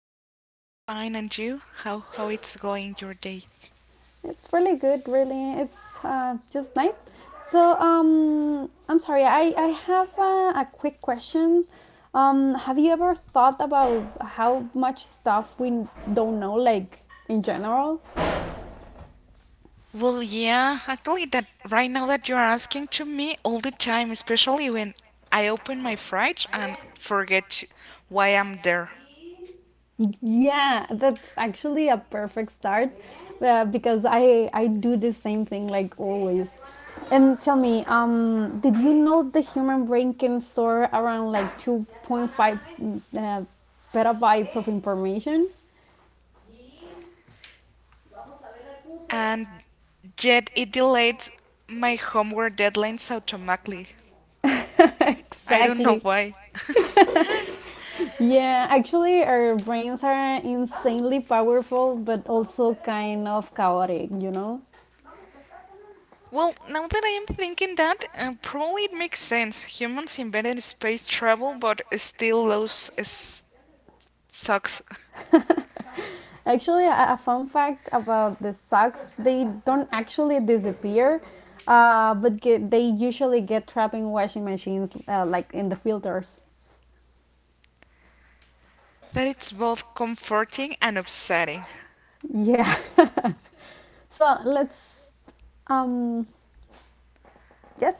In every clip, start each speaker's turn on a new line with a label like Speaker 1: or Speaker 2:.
Speaker 1: Hello, Lynn. I'm fine, and you? How it's going your day?
Speaker 2: It's really good, really. It's just nice. I'm sorry. I have a quick question. Have you ever thought about how much stuff we don't know, like in general?
Speaker 1: Well, yeah, actually, that right now that you're asking to me all the time, especially when I open my fridge and forget why I'm there,
Speaker 2: Yeah, that's actually a perfect start because I do the same thing like always. And tell me, did you know the human brain can store around like 2.5 petabytes of information?
Speaker 1: and yet it delays my homework deadlines automatically. I don't know
Speaker 2: Exactly.
Speaker 1: why.
Speaker 2: Yeah, actually, our brains are insanely powerful, but also kind of chaotic, you know?
Speaker 1: Well, now that I am thinking that, probably it makes sense. Humans invented space travel, but still lose sucks
Speaker 2: Actually, a fun fact about the socks, they don't actually disappear, but they usually get trapped in washing machines, like in the filters.
Speaker 1: that it's both comforting and upsetting.
Speaker 2: Yeah. so let's, um, yes.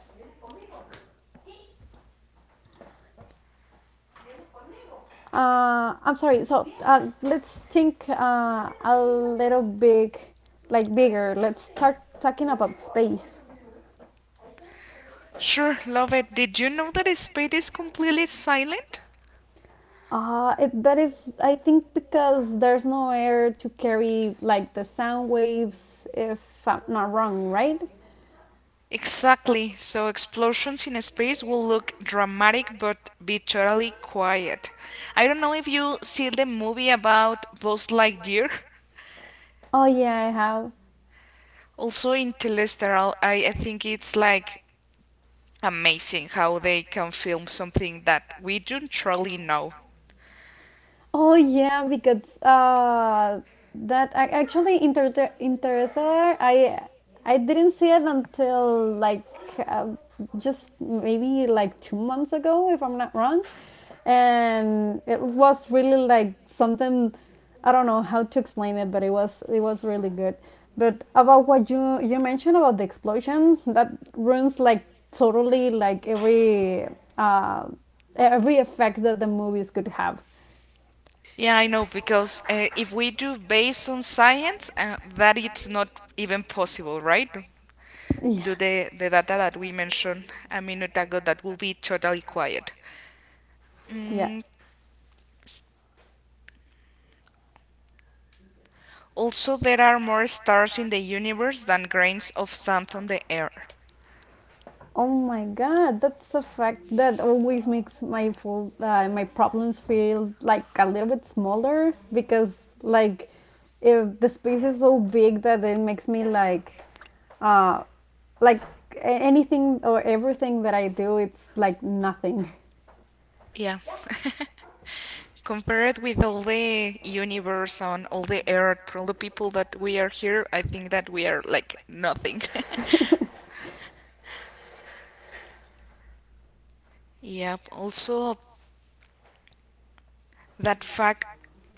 Speaker 2: I'm sorry. So let's think a little big, like bigger. Let's start talking about space.
Speaker 1: Sure, love it. Did you know that space is completely silent?
Speaker 2: That is, I think, because there's no air to carry like the sound waves, if I'm not wrong, right?
Speaker 1: Exactly. So explosions in space will look dramatic but be totally quiet. I don't know if you see the movie about Buzz Lightyear.
Speaker 2: Oh, yeah, I have.
Speaker 1: Also in Telesteral, I think it's like amazing how they can film something that we don't truly know.
Speaker 2: Oh yeah, because that I actually Interstellar, I didn't see it until like uh, just maybe like 2 months ago, if I'm not wrong, and it was really like something I don't know how to explain it, but it was really good. But about what you mentioned about the explosion, that ruins like totally like uh, every effect that the movies could have.
Speaker 1: Yeah, I know because if we do based on science, that it's not even possible, right?
Speaker 2: Yeah.
Speaker 1: Do the data that we mentioned a minute ago that will be totally quiet.
Speaker 2: Yeah.
Speaker 1: Mm, s- Also, there are more stars in the universe than grains of sand on the earth.
Speaker 2: Oh my god, that's a fact that always makes my my problems feel like a little bit smaller because like if the space is so big that it makes me like uh like anything or everything that I do it's like nothing.
Speaker 1: Yeah. Compared with all the universe on all the earth, all the people that we are here, I think that we are like nothing. Yep. Also, that fact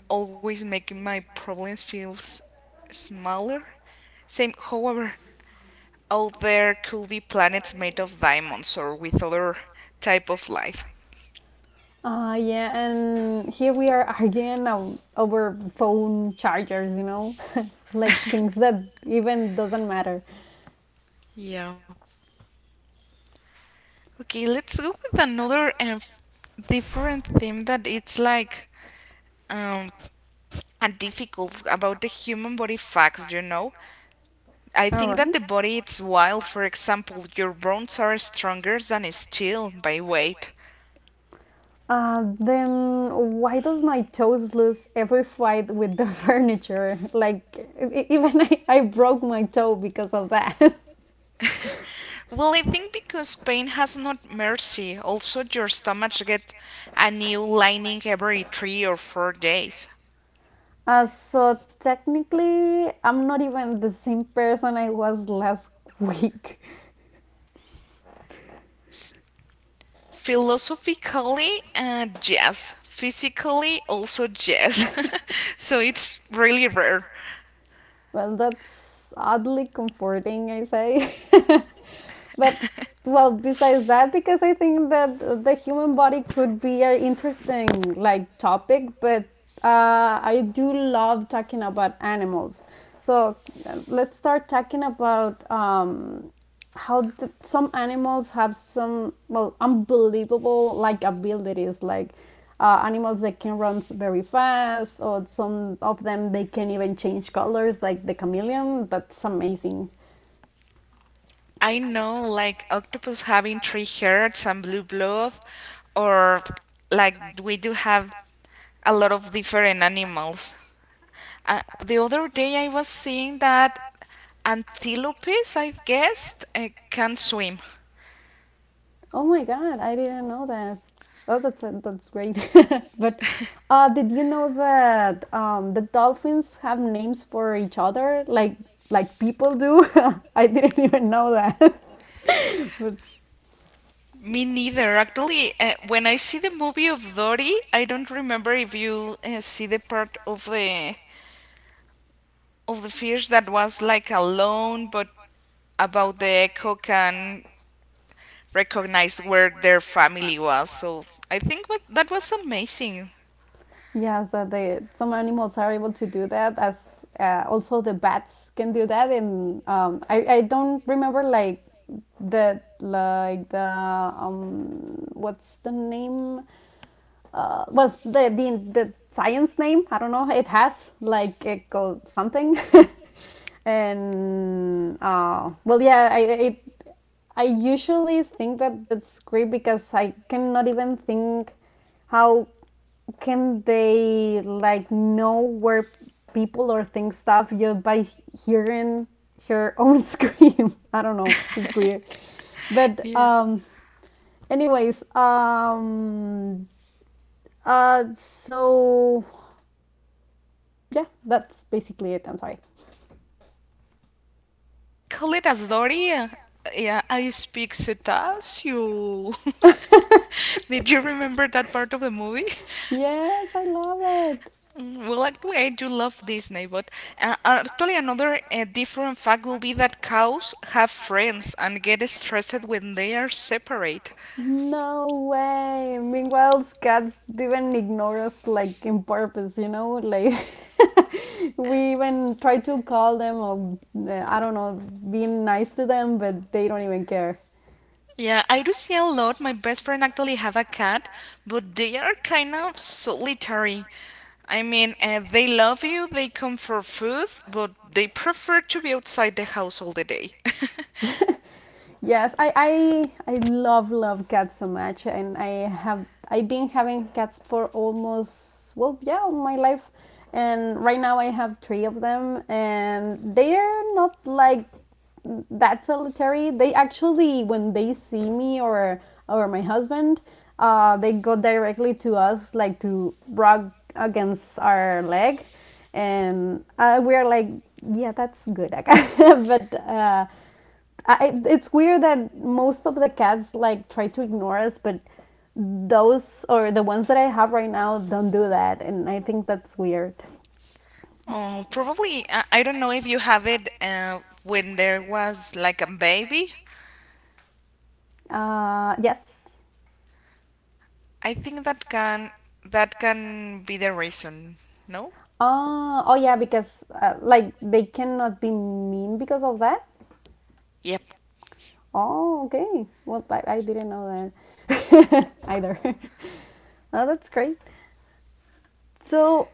Speaker 1: always making my problems feel smaller. Same, however, out there could be planets made of diamonds or with other type of life.
Speaker 2: Yeah, and here we are arguing over phone chargers, you know, like things that even doesn't matter.
Speaker 1: Yeah. Okay, let's go with another different theme that it's like um and difficult about the human body facts, you know. I
Speaker 2: All
Speaker 1: think that
Speaker 2: right.
Speaker 1: the body it's wild. For example, your bones are stronger than steel by weight.
Speaker 2: Then why does my toes lose every fight with the furniture? Like even I broke my toe because of that.
Speaker 1: Well, I think because pain has not mercy, also your stomach get a new lining every 3 or 4 days.
Speaker 2: So technically, I'm not even the same person I was last week.
Speaker 1: S- Philosophically, yes. Physically, also yes. So it's really rare.
Speaker 2: Well, that's oddly comforting, I say. but well, besides that, because I think that the human body could be an interesting like topic, but uh, I do love talking about animals. So let's start talking about how the, some animals have some well unbelievable like abilities like animals that can run very fast or some of them they can even change colors like the chameleon, that's amazing.
Speaker 1: I know, like octopus having three hearts and blue blood, or like we do have a lot of different animals. The other day, I was seeing that antelopes, I've guessed, can't swim.
Speaker 2: Oh my god, I didn't know that. Oh that's great. but did you know that the dolphins have names for each other like people do? I didn't even know that. but
Speaker 1: Me neither. Actually, when I see the movie of Dory, I don't remember if you see the part of the fish that was like alone, but about the echo can recognize where their family was. So I think what, that was amazing.
Speaker 2: Yeah, that the some animals are able to do that, as also the bats can do that, and I don't remember like the what's the name. The science name I don't know, it has like it goes something. and well yeah I it I usually think that that's great because I cannot even think how can they like know where people or things stuff just by hearing her own scream? I don't know. It's weird. But
Speaker 1: Yeah.
Speaker 2: anyways, so Yeah, that's basically it. I'm sorry.
Speaker 1: Yeah, well, in the meantime, we can call it as Dory. Yeah, I speak cetaceo. Did you remember that part of the movie?
Speaker 2: Yes, I love it.
Speaker 1: Mm, well, actually, I do love Disney, but actually, another different fact will be that cows have friends and get stressed when they are separate.
Speaker 2: No way. Meanwhile, cats even ignore us like in purpose, you know? Like we even try to call them or I don't know, being nice to them, but they don't even care.
Speaker 1: Yeah, I do see a lot. My best friend actually have a cat, but they are kind of solitary. I mean, they love you, they come for food, but they prefer to be outside the house all the day.
Speaker 2: Yes, I love cats so much, and I've been having cats for almost well yeah all my life, and right now I have three of them, and they're not like that solitary. They actually when they see me or my husband, they go directly to us like to rub against our leg, and we're like yeah that's good, but. It's weird that most of the cats like try to ignore us, but those or the ones that I have right now don't do that, and I think that's weird.
Speaker 1: Oh, probably. I don't know if you have it when there was like a baby,
Speaker 2: Yes.
Speaker 1: I think that can be the reason. No?
Speaker 2: Oh yeah, because like they cannot be mean because of that.
Speaker 1: Yep.
Speaker 2: Oh okay. Well, I didn't know that either. Oh, that's great. So,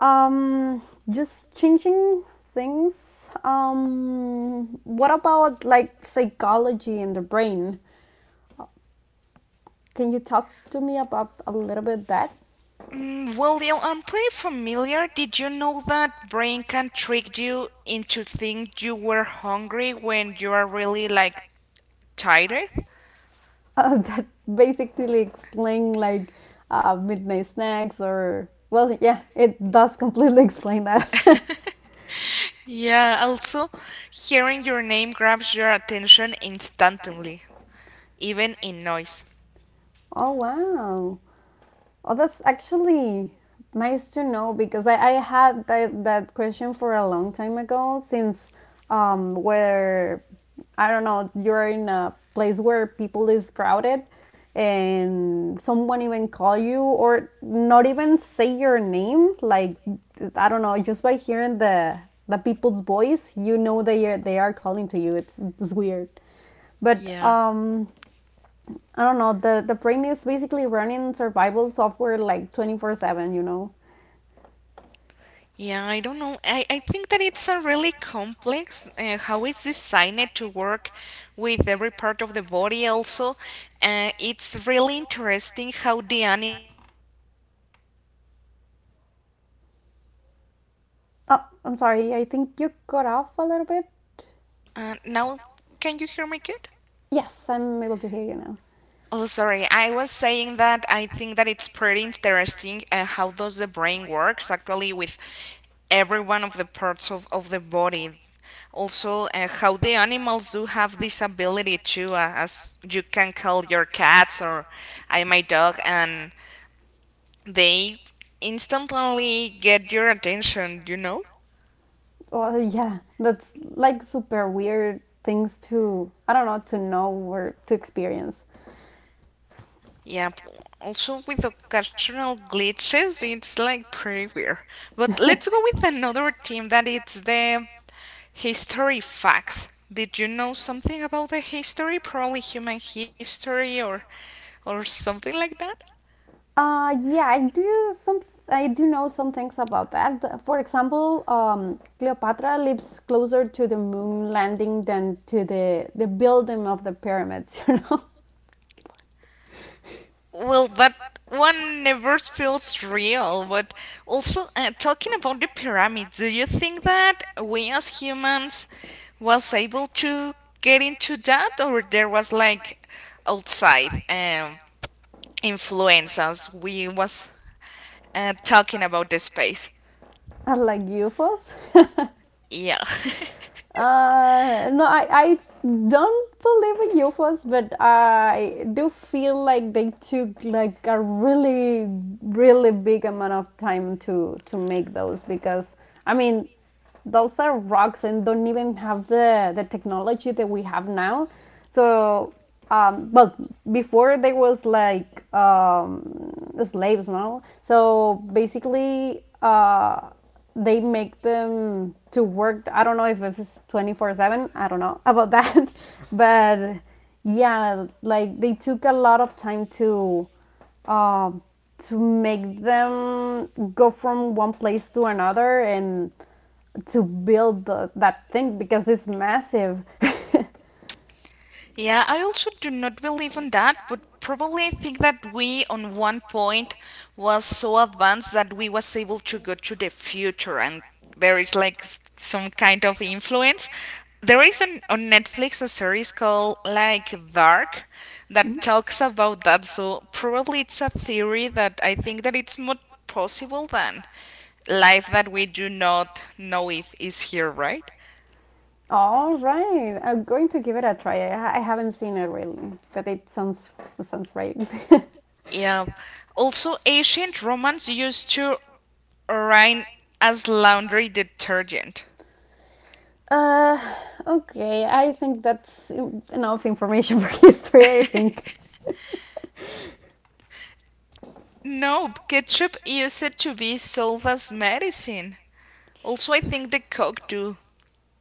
Speaker 2: um, just changing things. What about like psychology and the brain? Can you talk to me about a little bit that?
Speaker 1: Mm, well, Leo, I'm pretty familiar. Did you know that brain can trick you into think you were hungry when you are really like tired?
Speaker 2: That basically explain like midnight snacks or well, yeah, it does completely explain that.
Speaker 1: Yeah, also, hearing your name grabs your attention instantly, even in noise.
Speaker 2: Oh wow. Oh, that's actually nice to know because I had that question for a long time ago since um, where, I don't know, you're in a place where people is crowded and someone even call you or not even say your name like I don't know, just by hearing the people's voice, you know they are calling to you. It's weird. But
Speaker 1: Yeah.
Speaker 2: I don't know. The brain is basically running survival software like 24/7, you know.
Speaker 1: Yeah, I don't know. I think that it's a really complex how it's designed to work with every part of the body also. It's really interesting how the animals, as your cats or probably my dog, as hearing his name,
Speaker 2: Oh, I'm sorry. I
Speaker 1: they...
Speaker 2: think you cut off a little bit.
Speaker 1: Now, can you hear me good?
Speaker 2: Yes, I'm able to hear you now.
Speaker 1: Oh, sorry. I was saying that I think that it's pretty interesting how does the brain works actually with every one of the parts of the body. Also how the animals do have this ability too as you can call your cats or I my dog and they instantly get your attention, you know.
Speaker 2: Well, yeah, that's like super weird things to I don't know to know or to experience.
Speaker 1: Yeah, also with occasional glitches it's like pretty weird, but let's go with another team that it's the history facts. Did you know something about the history, probably human history, or something like that?
Speaker 2: Yeah, I do some. I do know some things about that. For example, Cleopatra lives closer to the moon landing than to the building of the pyramids. You know,
Speaker 1: Well, that one never feels real. But also, talking about the pyramids, do you think that we as humans was able to get into that, or there was like outside influence as we was talking about the space?
Speaker 2: unlike UFOs.
Speaker 1: Yeah.
Speaker 2: I don't believe in UFOs, but I do feel like they took like a really, really big amount of time to make those because I mean, those are rocks and don't even have the technology that we have now. So, but before there was like slaves, no. So basically, they make them to work. I don't know if it's 24/7. I don't know about that. But yeah, like they took a lot of time to. Uh, to make them go from one place to another and to build that thing because it's massive.
Speaker 1: Yeah, I also do not believe on that, but probably I think that we on one point was so advanced that we was able to go to the future and there is like some kind of influence. There is an, on Netflix a series called like Dark that talks about that, so probably it's a theory that I think that it's more possible than life that we do not know if is here, right?
Speaker 2: All right, I'm going to give it a try. I haven't seen it really, but it sounds right.
Speaker 1: Yeah. Also, ancient Romans used to Rhine as laundry detergent.
Speaker 2: Uh, okay, I think that's enough information for history, I think.
Speaker 1: Nope, ketchup used it to be sold as medicine. Also, I think the Coke do.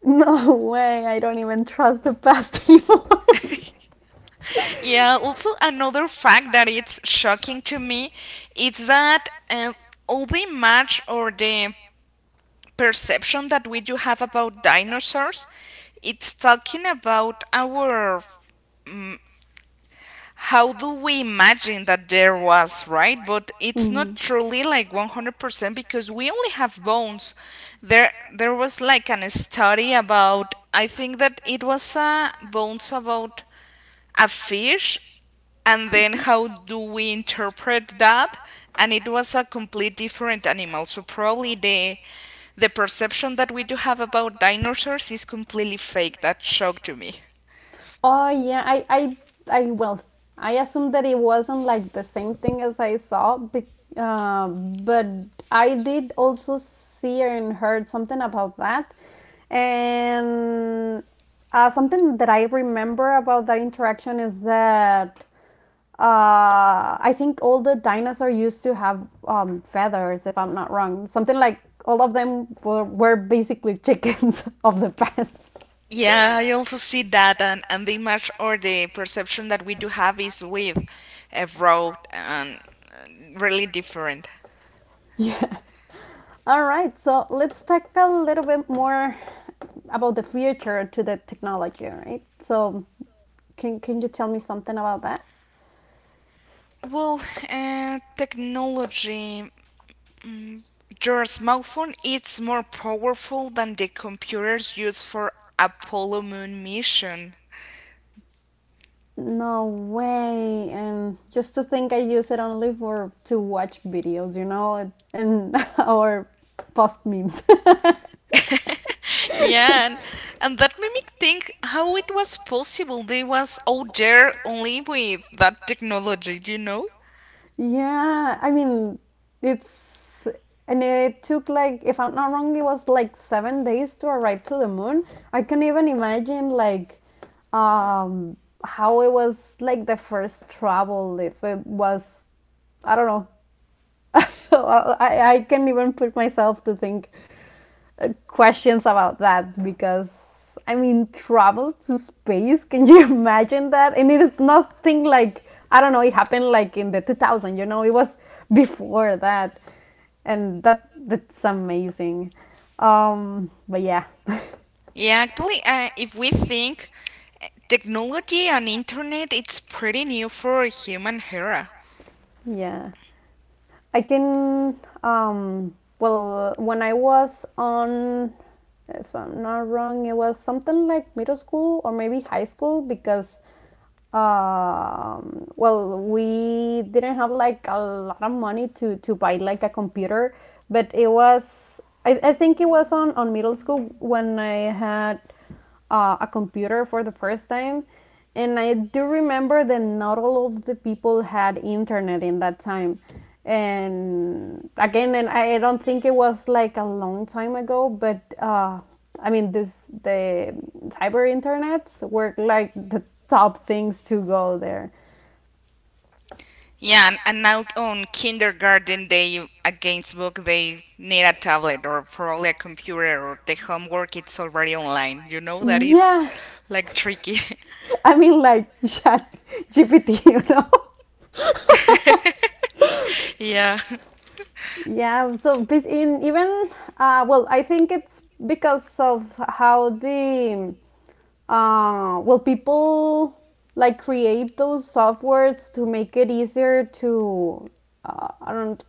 Speaker 2: No way, I don't even trust the past anymore.
Speaker 1: Yeah, also another fact that it's shocking to me is that all the image or the perception that we do have about dinosaurs, it's talking about our how do we imagine that there was, right? But it's not
Speaker 2: Mhm.
Speaker 1: truly like 100% because we only have bones. There was like an study about I think that it was bones about a fish and then how do we interpret that, and it was a complete different animal, so probably the perception that we do have about dinosaurs is completely fake. That shocked to me.
Speaker 2: Oh yeah, I well, I assumed that it wasn't like the same thing as I saw, but I did also see and heard something about that, and something that I remember about that interaction is that I think all the dinosaurs used to have feathers, if I'm not wrong. Something like all of them were basically chickens of the past.
Speaker 1: Yeah, I also see that, and the image or the perception that we do have is with a road and really different.
Speaker 2: Yeah. All right, so let's talk a little bit more about the future to the technology, right? So, can you tell me something about that?
Speaker 1: Well, technology, your smartphone is more powerful than the computers used for Apollo moon mission.
Speaker 2: No way. And just to think I use it only for to watch videos, you know, and or post memes.
Speaker 1: Yeah, and that made me think how it was possible they was out there only with that technology, you know?
Speaker 2: Yeah, I mean, it's and it took like if I'm not wrong, it was like 7 days to arrive to the moon. I can't even imagine like um how it was like the first travel if it was I don't know. I can't even put myself to think questions about that because I mean, travel to space. Can you imagine that? And it is nothing like I don't know. It happened like in the 2000. You know, it was before that, and that's amazing. Um, but yeah,
Speaker 1: Yeah, actually, if we think technology and internet, it's pretty new for human era.
Speaker 2: yeah. I can. Well, when I was on if I'm not wrong, it was something like middle school or maybe high school because well we didn't have like a lot of money to buy like a computer, but I think it was on middle school when I had a computer for the first time, and I do remember that not all of the people had internet in that time, and again and I don't think it was like a long time ago but I mean, this the cyber internets were like the top things to go there.
Speaker 1: Yeah, and now on kindergarten, day, against book, they need a tablet or probably a computer or the homework. It's already online. You know that it's
Speaker 2: Yeah,
Speaker 1: like tricky.
Speaker 2: I mean like Chat GPT, you know.
Speaker 1: Yeah.
Speaker 2: Yeah, so in even well, I think it's because of how the will people like create those softwares to make it easier to I don't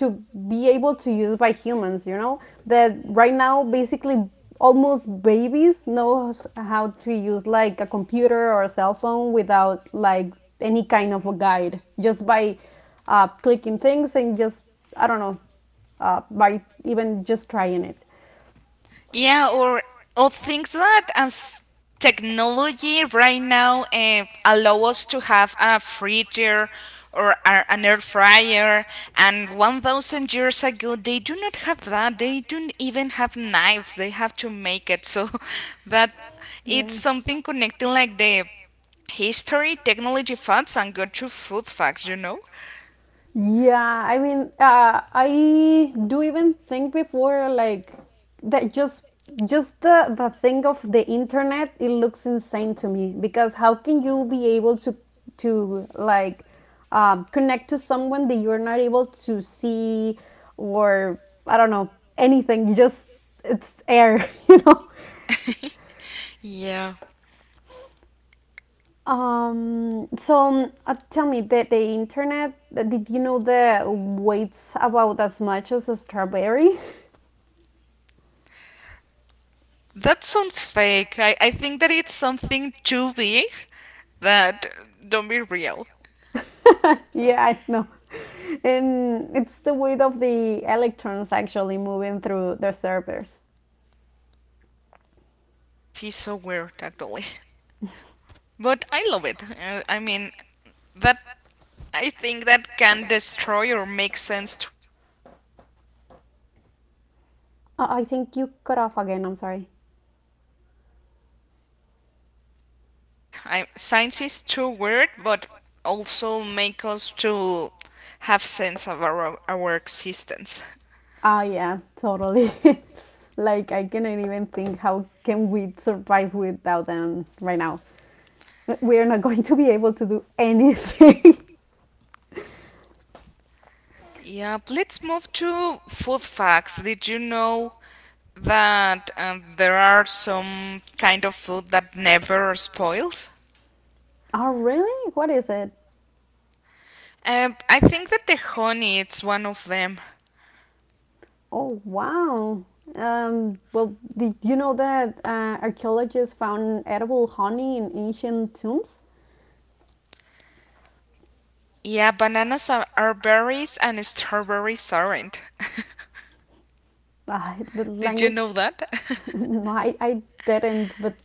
Speaker 2: to be able to use by humans. You know that right now, basically, almost babies know how to use like a computer or a cell phone without like any kind of a guide, just by clicking things and just I don't know by even just trying it.
Speaker 1: Yeah, or things that as technology right now allow us to have a freezer or an air fryer, and 1,000 years ago they do not have that. They don't even have knives. They have to make it. So that it's
Speaker 2: Yeah.
Speaker 1: something connecting like the history, technology facts, and good to food facts. You know?
Speaker 2: Yeah, I do even think before, like that just just the thing of the internet, it looks insane to me. Because how can you be able to to like connect to someone that you're not able to see, or I don't know, anything? Just it's air, you know?
Speaker 1: Yeah.
Speaker 2: Tell me, the internet, did you know the weights about as much as a strawberry?
Speaker 1: That sounds fake. I think that it's something too big that don't be real.
Speaker 2: Yeah, I know. And it's the weight of the electrons actually moving through the servers.
Speaker 1: I think science is so weird actually. But I love it. I mean, that I think that can destroy or make sense to all our existence.
Speaker 2: I think you cut off again, I'm sorry.
Speaker 1: Also sorry. I think that I love it. I, science is too weird but also make us to have sense of our existence.
Speaker 2: Ah, yeah, totally. Like, I cannot even think how can we survive without them right now. We're not going to be able to do anything.
Speaker 1: Yep, let's move to food facts. Did you know that there are some kind of food that never spoils?
Speaker 2: Oh, really? What is it?
Speaker 1: I think that the honey it's one of them.
Speaker 2: Oh, wow. Well, did you know that archaeologists found edible honey in ancient tombs?
Speaker 1: Yeah, bananas are berries and strawberries aren't.
Speaker 2: Ah, the
Speaker 1: Did you know
Speaker 2: language.
Speaker 1: that?
Speaker 2: No, I didn't, but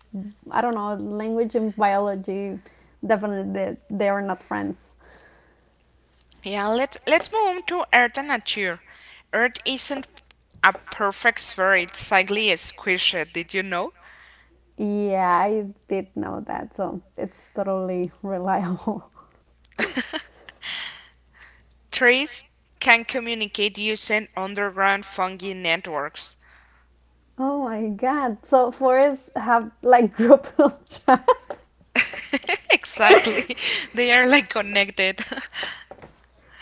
Speaker 2: I don't know. Language and biology, definitely they are not friends.
Speaker 1: Yeah, let's move on to Earth and nature. Earth isn't a perfect sphere; it's slightly squished. Did you know?
Speaker 2: Yeah, I did know that, so it's totally reliable.
Speaker 1: Trees can communicate using underground fungi networks.
Speaker 2: Oh my god. So forests have like group of chat.
Speaker 1: Exactly. They are like connected.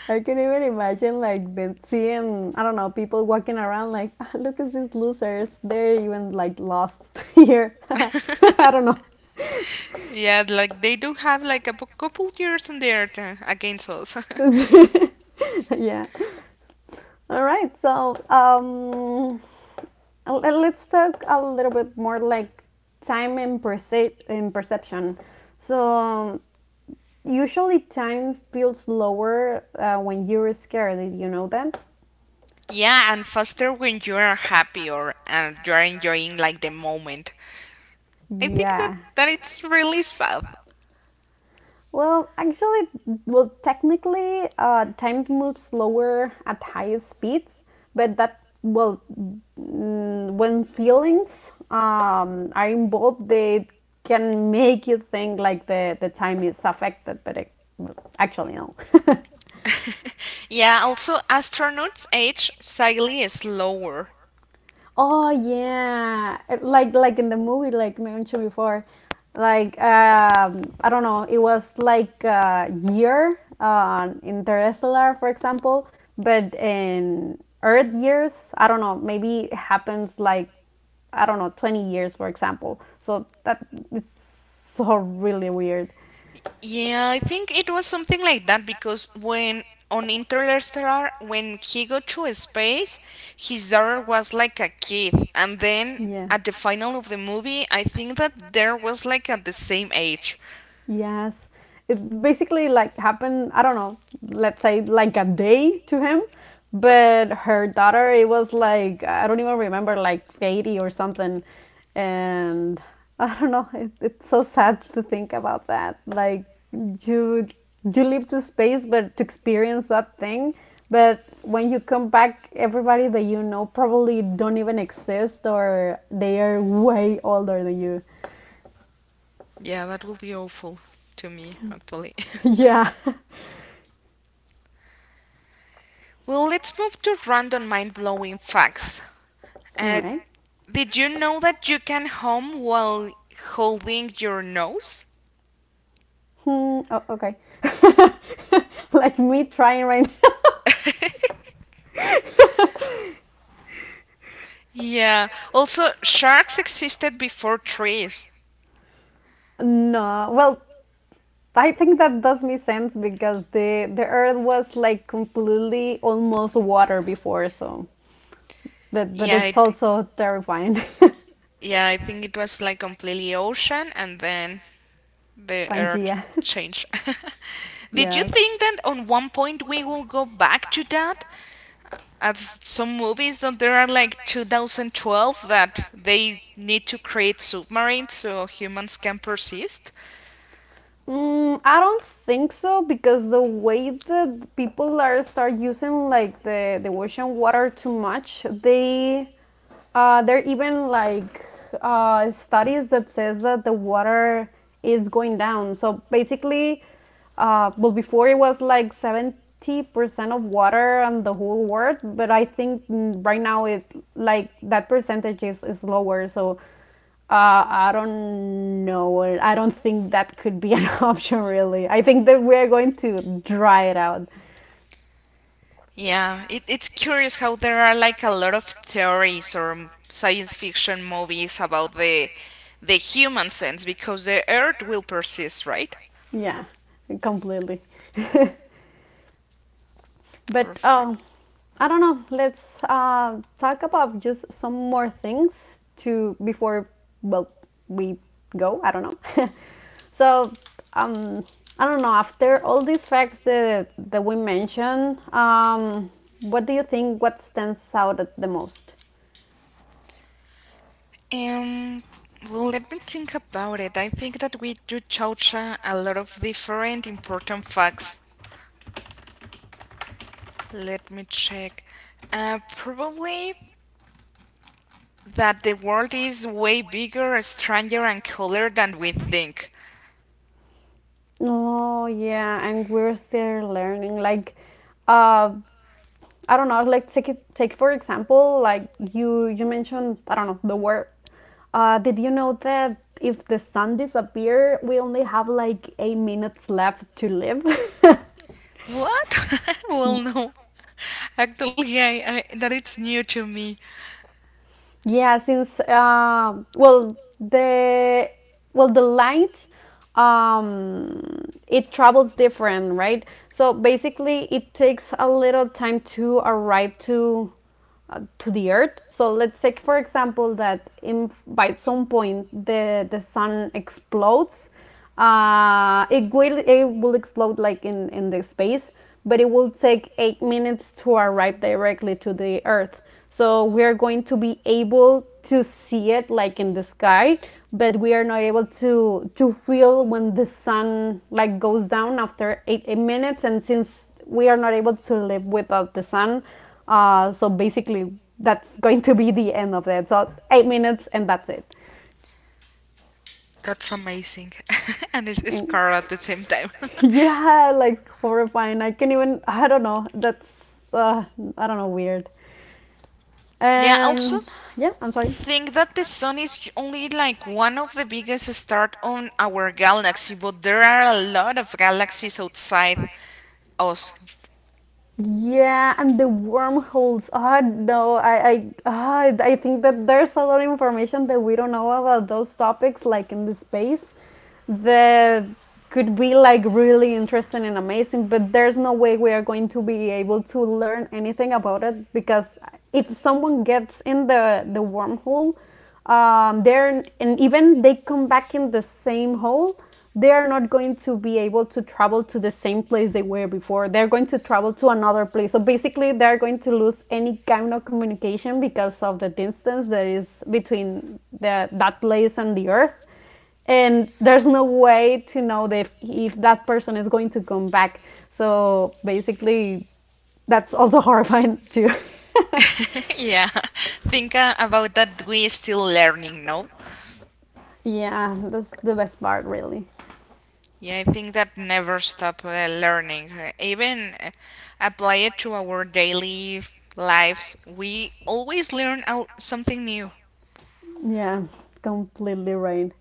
Speaker 2: I can even imagine, like the seeing, I don't know, people walking around like, "Ah, look at these losers, they're even like lost here." I don't know.
Speaker 1: Yeah, like they do have like a couple years on the earth against us.
Speaker 2: Yeah, all right, so let's talk a little bit more, like, time and, perception. So usually time feels lower when you're scared. Did you know that?
Speaker 1: Yeah, and faster when you are happy or you are enjoying like the moment. I think that
Speaker 2: Yeah.
Speaker 1: that it's really sad.
Speaker 2: Well, actually, well, technically, time moves slower at high speeds, but that, when feelings, are involved, they can make you think like the time is affected. But it, well, actually, no.
Speaker 1: Yeah, also astronauts age slightly slower.
Speaker 2: Oh yeah, like in the movie, like mentioned before, like I don't know, it was like a year on Interstellar, for example. But in Earth years, I don't know, maybe it happens like, I don't know, 20 years, for example. So that it's so really weird.
Speaker 1: Yeah, I think it was something like that because when on Interstellar, when he got to space, his daughter was like a kid, and then
Speaker 2: Yeah.
Speaker 1: at the final of the movie, I think that there was like at the same age.
Speaker 2: Yes. It basically like happened, I don't know, let's say like a day to him. But her daughter, it was like, I don't even remember, like 80 or something. And I don't know, it's so sad to think about that. Like you you leave to space, but to experience that thing. But when you come back, everybody that you know probably don't even exist, or they are way older than you.
Speaker 1: Yeah, that would be awful to me actually.
Speaker 2: Yeah.
Speaker 1: Well, let's move to random mind-blowing facts.
Speaker 2: All
Speaker 1: Uh,
Speaker 2: right.
Speaker 1: did you know that you can hum while holding your nose?
Speaker 2: Hmm, oh, okay. Like me trying right now.
Speaker 1: Yeah. Also, sharks existed before trees.
Speaker 2: No, well, I think that does make sense, because the earth was like completely almost water before, so but
Speaker 1: Yeah,
Speaker 2: it's, yeah,
Speaker 1: it,
Speaker 2: also terrifying.
Speaker 1: yeah, I think it was like completely ocean and then the earth
Speaker 2: Pangea.
Speaker 1: changed. Did you
Speaker 2: Yes.
Speaker 1: think that on one point we will go back to that? As some movies that there are like 2012 that they need to create submarines so humans can persist?
Speaker 2: Mm, I don't think so, because the way that people are start using like the ocean water too much, they there are even like studies that says that the water is going down. So basically, well, before it was like 70% of water on the whole world. But I think, mm, right now it, like that percentage is lower. So I don't know. I don't think that could be an option, really. I think that we're going to dry it out.
Speaker 1: Yeah, it, it's curious how there are like a lot of theories or science fiction movies about the human sense because the earth will persist, right?
Speaker 2: Yeah, completely. But
Speaker 1: Perfect.
Speaker 2: I don't know. Let's talk about just some more things to before, well, we go. I don't know. So um, I don't know. After all these facts that we mentioned, what do you think? What stands out the most?
Speaker 1: Um, well, let me think about it. I think that we do touch on a lot of different important facts. Let me check. Uh, probably that the world is way bigger, stranger and cooler than we think.
Speaker 2: Oh yeah, and we're still learning. Like, uh, I don't know, like take for example, like you mentioned, I don't know, the word. Did you know that if the sun disappear, we only have like 8 minutes left to live?
Speaker 1: What? Well, no. Actually, I that it's new to me.
Speaker 2: Yeah, since well the light, um, it travels different, right? So basically it takes a little time to arrive to the earth. So let's take for example that, in, by some point the sun explodes, it will explode like in the space, but it will take 8 minutes to arrive directly to the Earth. So we are going to be able to see it like in the sky, but we are not able to feel when the sun like goes down after 8 minutes. And since we are not able to live without the sun, so basically that's going to be the end of it. So 8 minutes and that's it.
Speaker 1: That's amazing, and it's
Speaker 2: And
Speaker 1: scar at the same time.
Speaker 2: yeah, like horrifying. I can't even, I don't know. That's, uh, I don't know, weird. Yeah.
Speaker 1: Yeah. Also,
Speaker 2: And yeah, I'm sorry.
Speaker 1: think that the sun is only like one of the biggest stars on our galaxy, but there are a lot of galaxies outside us.
Speaker 2: Yeah, and the wormholes. Oh no, I ah, I think that there's a lot of information that we don't know about those topics, like in the space, that could be like really interesting and amazing. But there's no way we are going to be able to learn anything about it, because if someone gets in the wormhole, they're, and even they come back in the same hole, they are not going to be able to travel to the same place they were before. They're going to travel to another place, so basically they're going to lose any kind of communication because of the distance that is between the, that place and the earth. And there's no way to know that, if that person is going to come back. So basically that's also horrifying too.
Speaker 1: Yeah. Think about that. We still learning, no?
Speaker 2: Yeah, that's the best part, really.
Speaker 1: Yeah, I think that never stop learning. Even apply it to our daily lives. We always learn out something new.
Speaker 2: Yeah, completely right.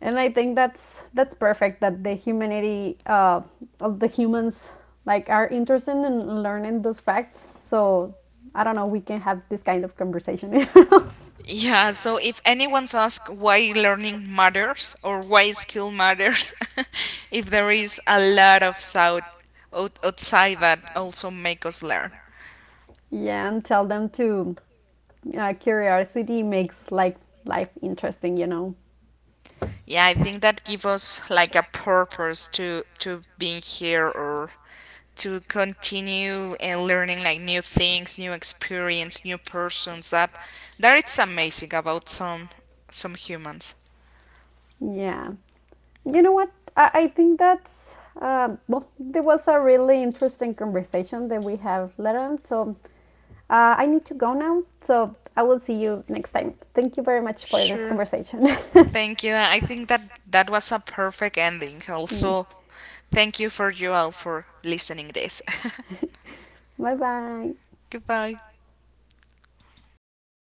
Speaker 2: And I think that's perfect that the humanity, of the humans, like are interested in learning those facts. So I don't know, we can have this kind of conversation. You know?
Speaker 1: Yeah, so if anyone's asked why learning matters or why skill matters, if there is a lot of out, outside that also make us learn.
Speaker 2: Yeah, and tell them to, curiosity makes like life interesting, you know.
Speaker 1: Yeah, I think that give us like a purpose to being here or to continue and learning like new things, new experience, new persons. That that it's amazing about some humans.
Speaker 2: Yeah. You know what? I think that's, well, there was a really interesting conversation that we have later on. So uh, I need to go now, so I will see you next time. Thank you very much for this
Speaker 1: Sure.
Speaker 2: conversation.
Speaker 1: Thank
Speaker 2: Thank.
Speaker 1: you. I think that that was a perfect ending.
Speaker 2: Mm.
Speaker 1: Also, thank you for you all for listening this.
Speaker 2: Bye bye.
Speaker 1: Goodbye.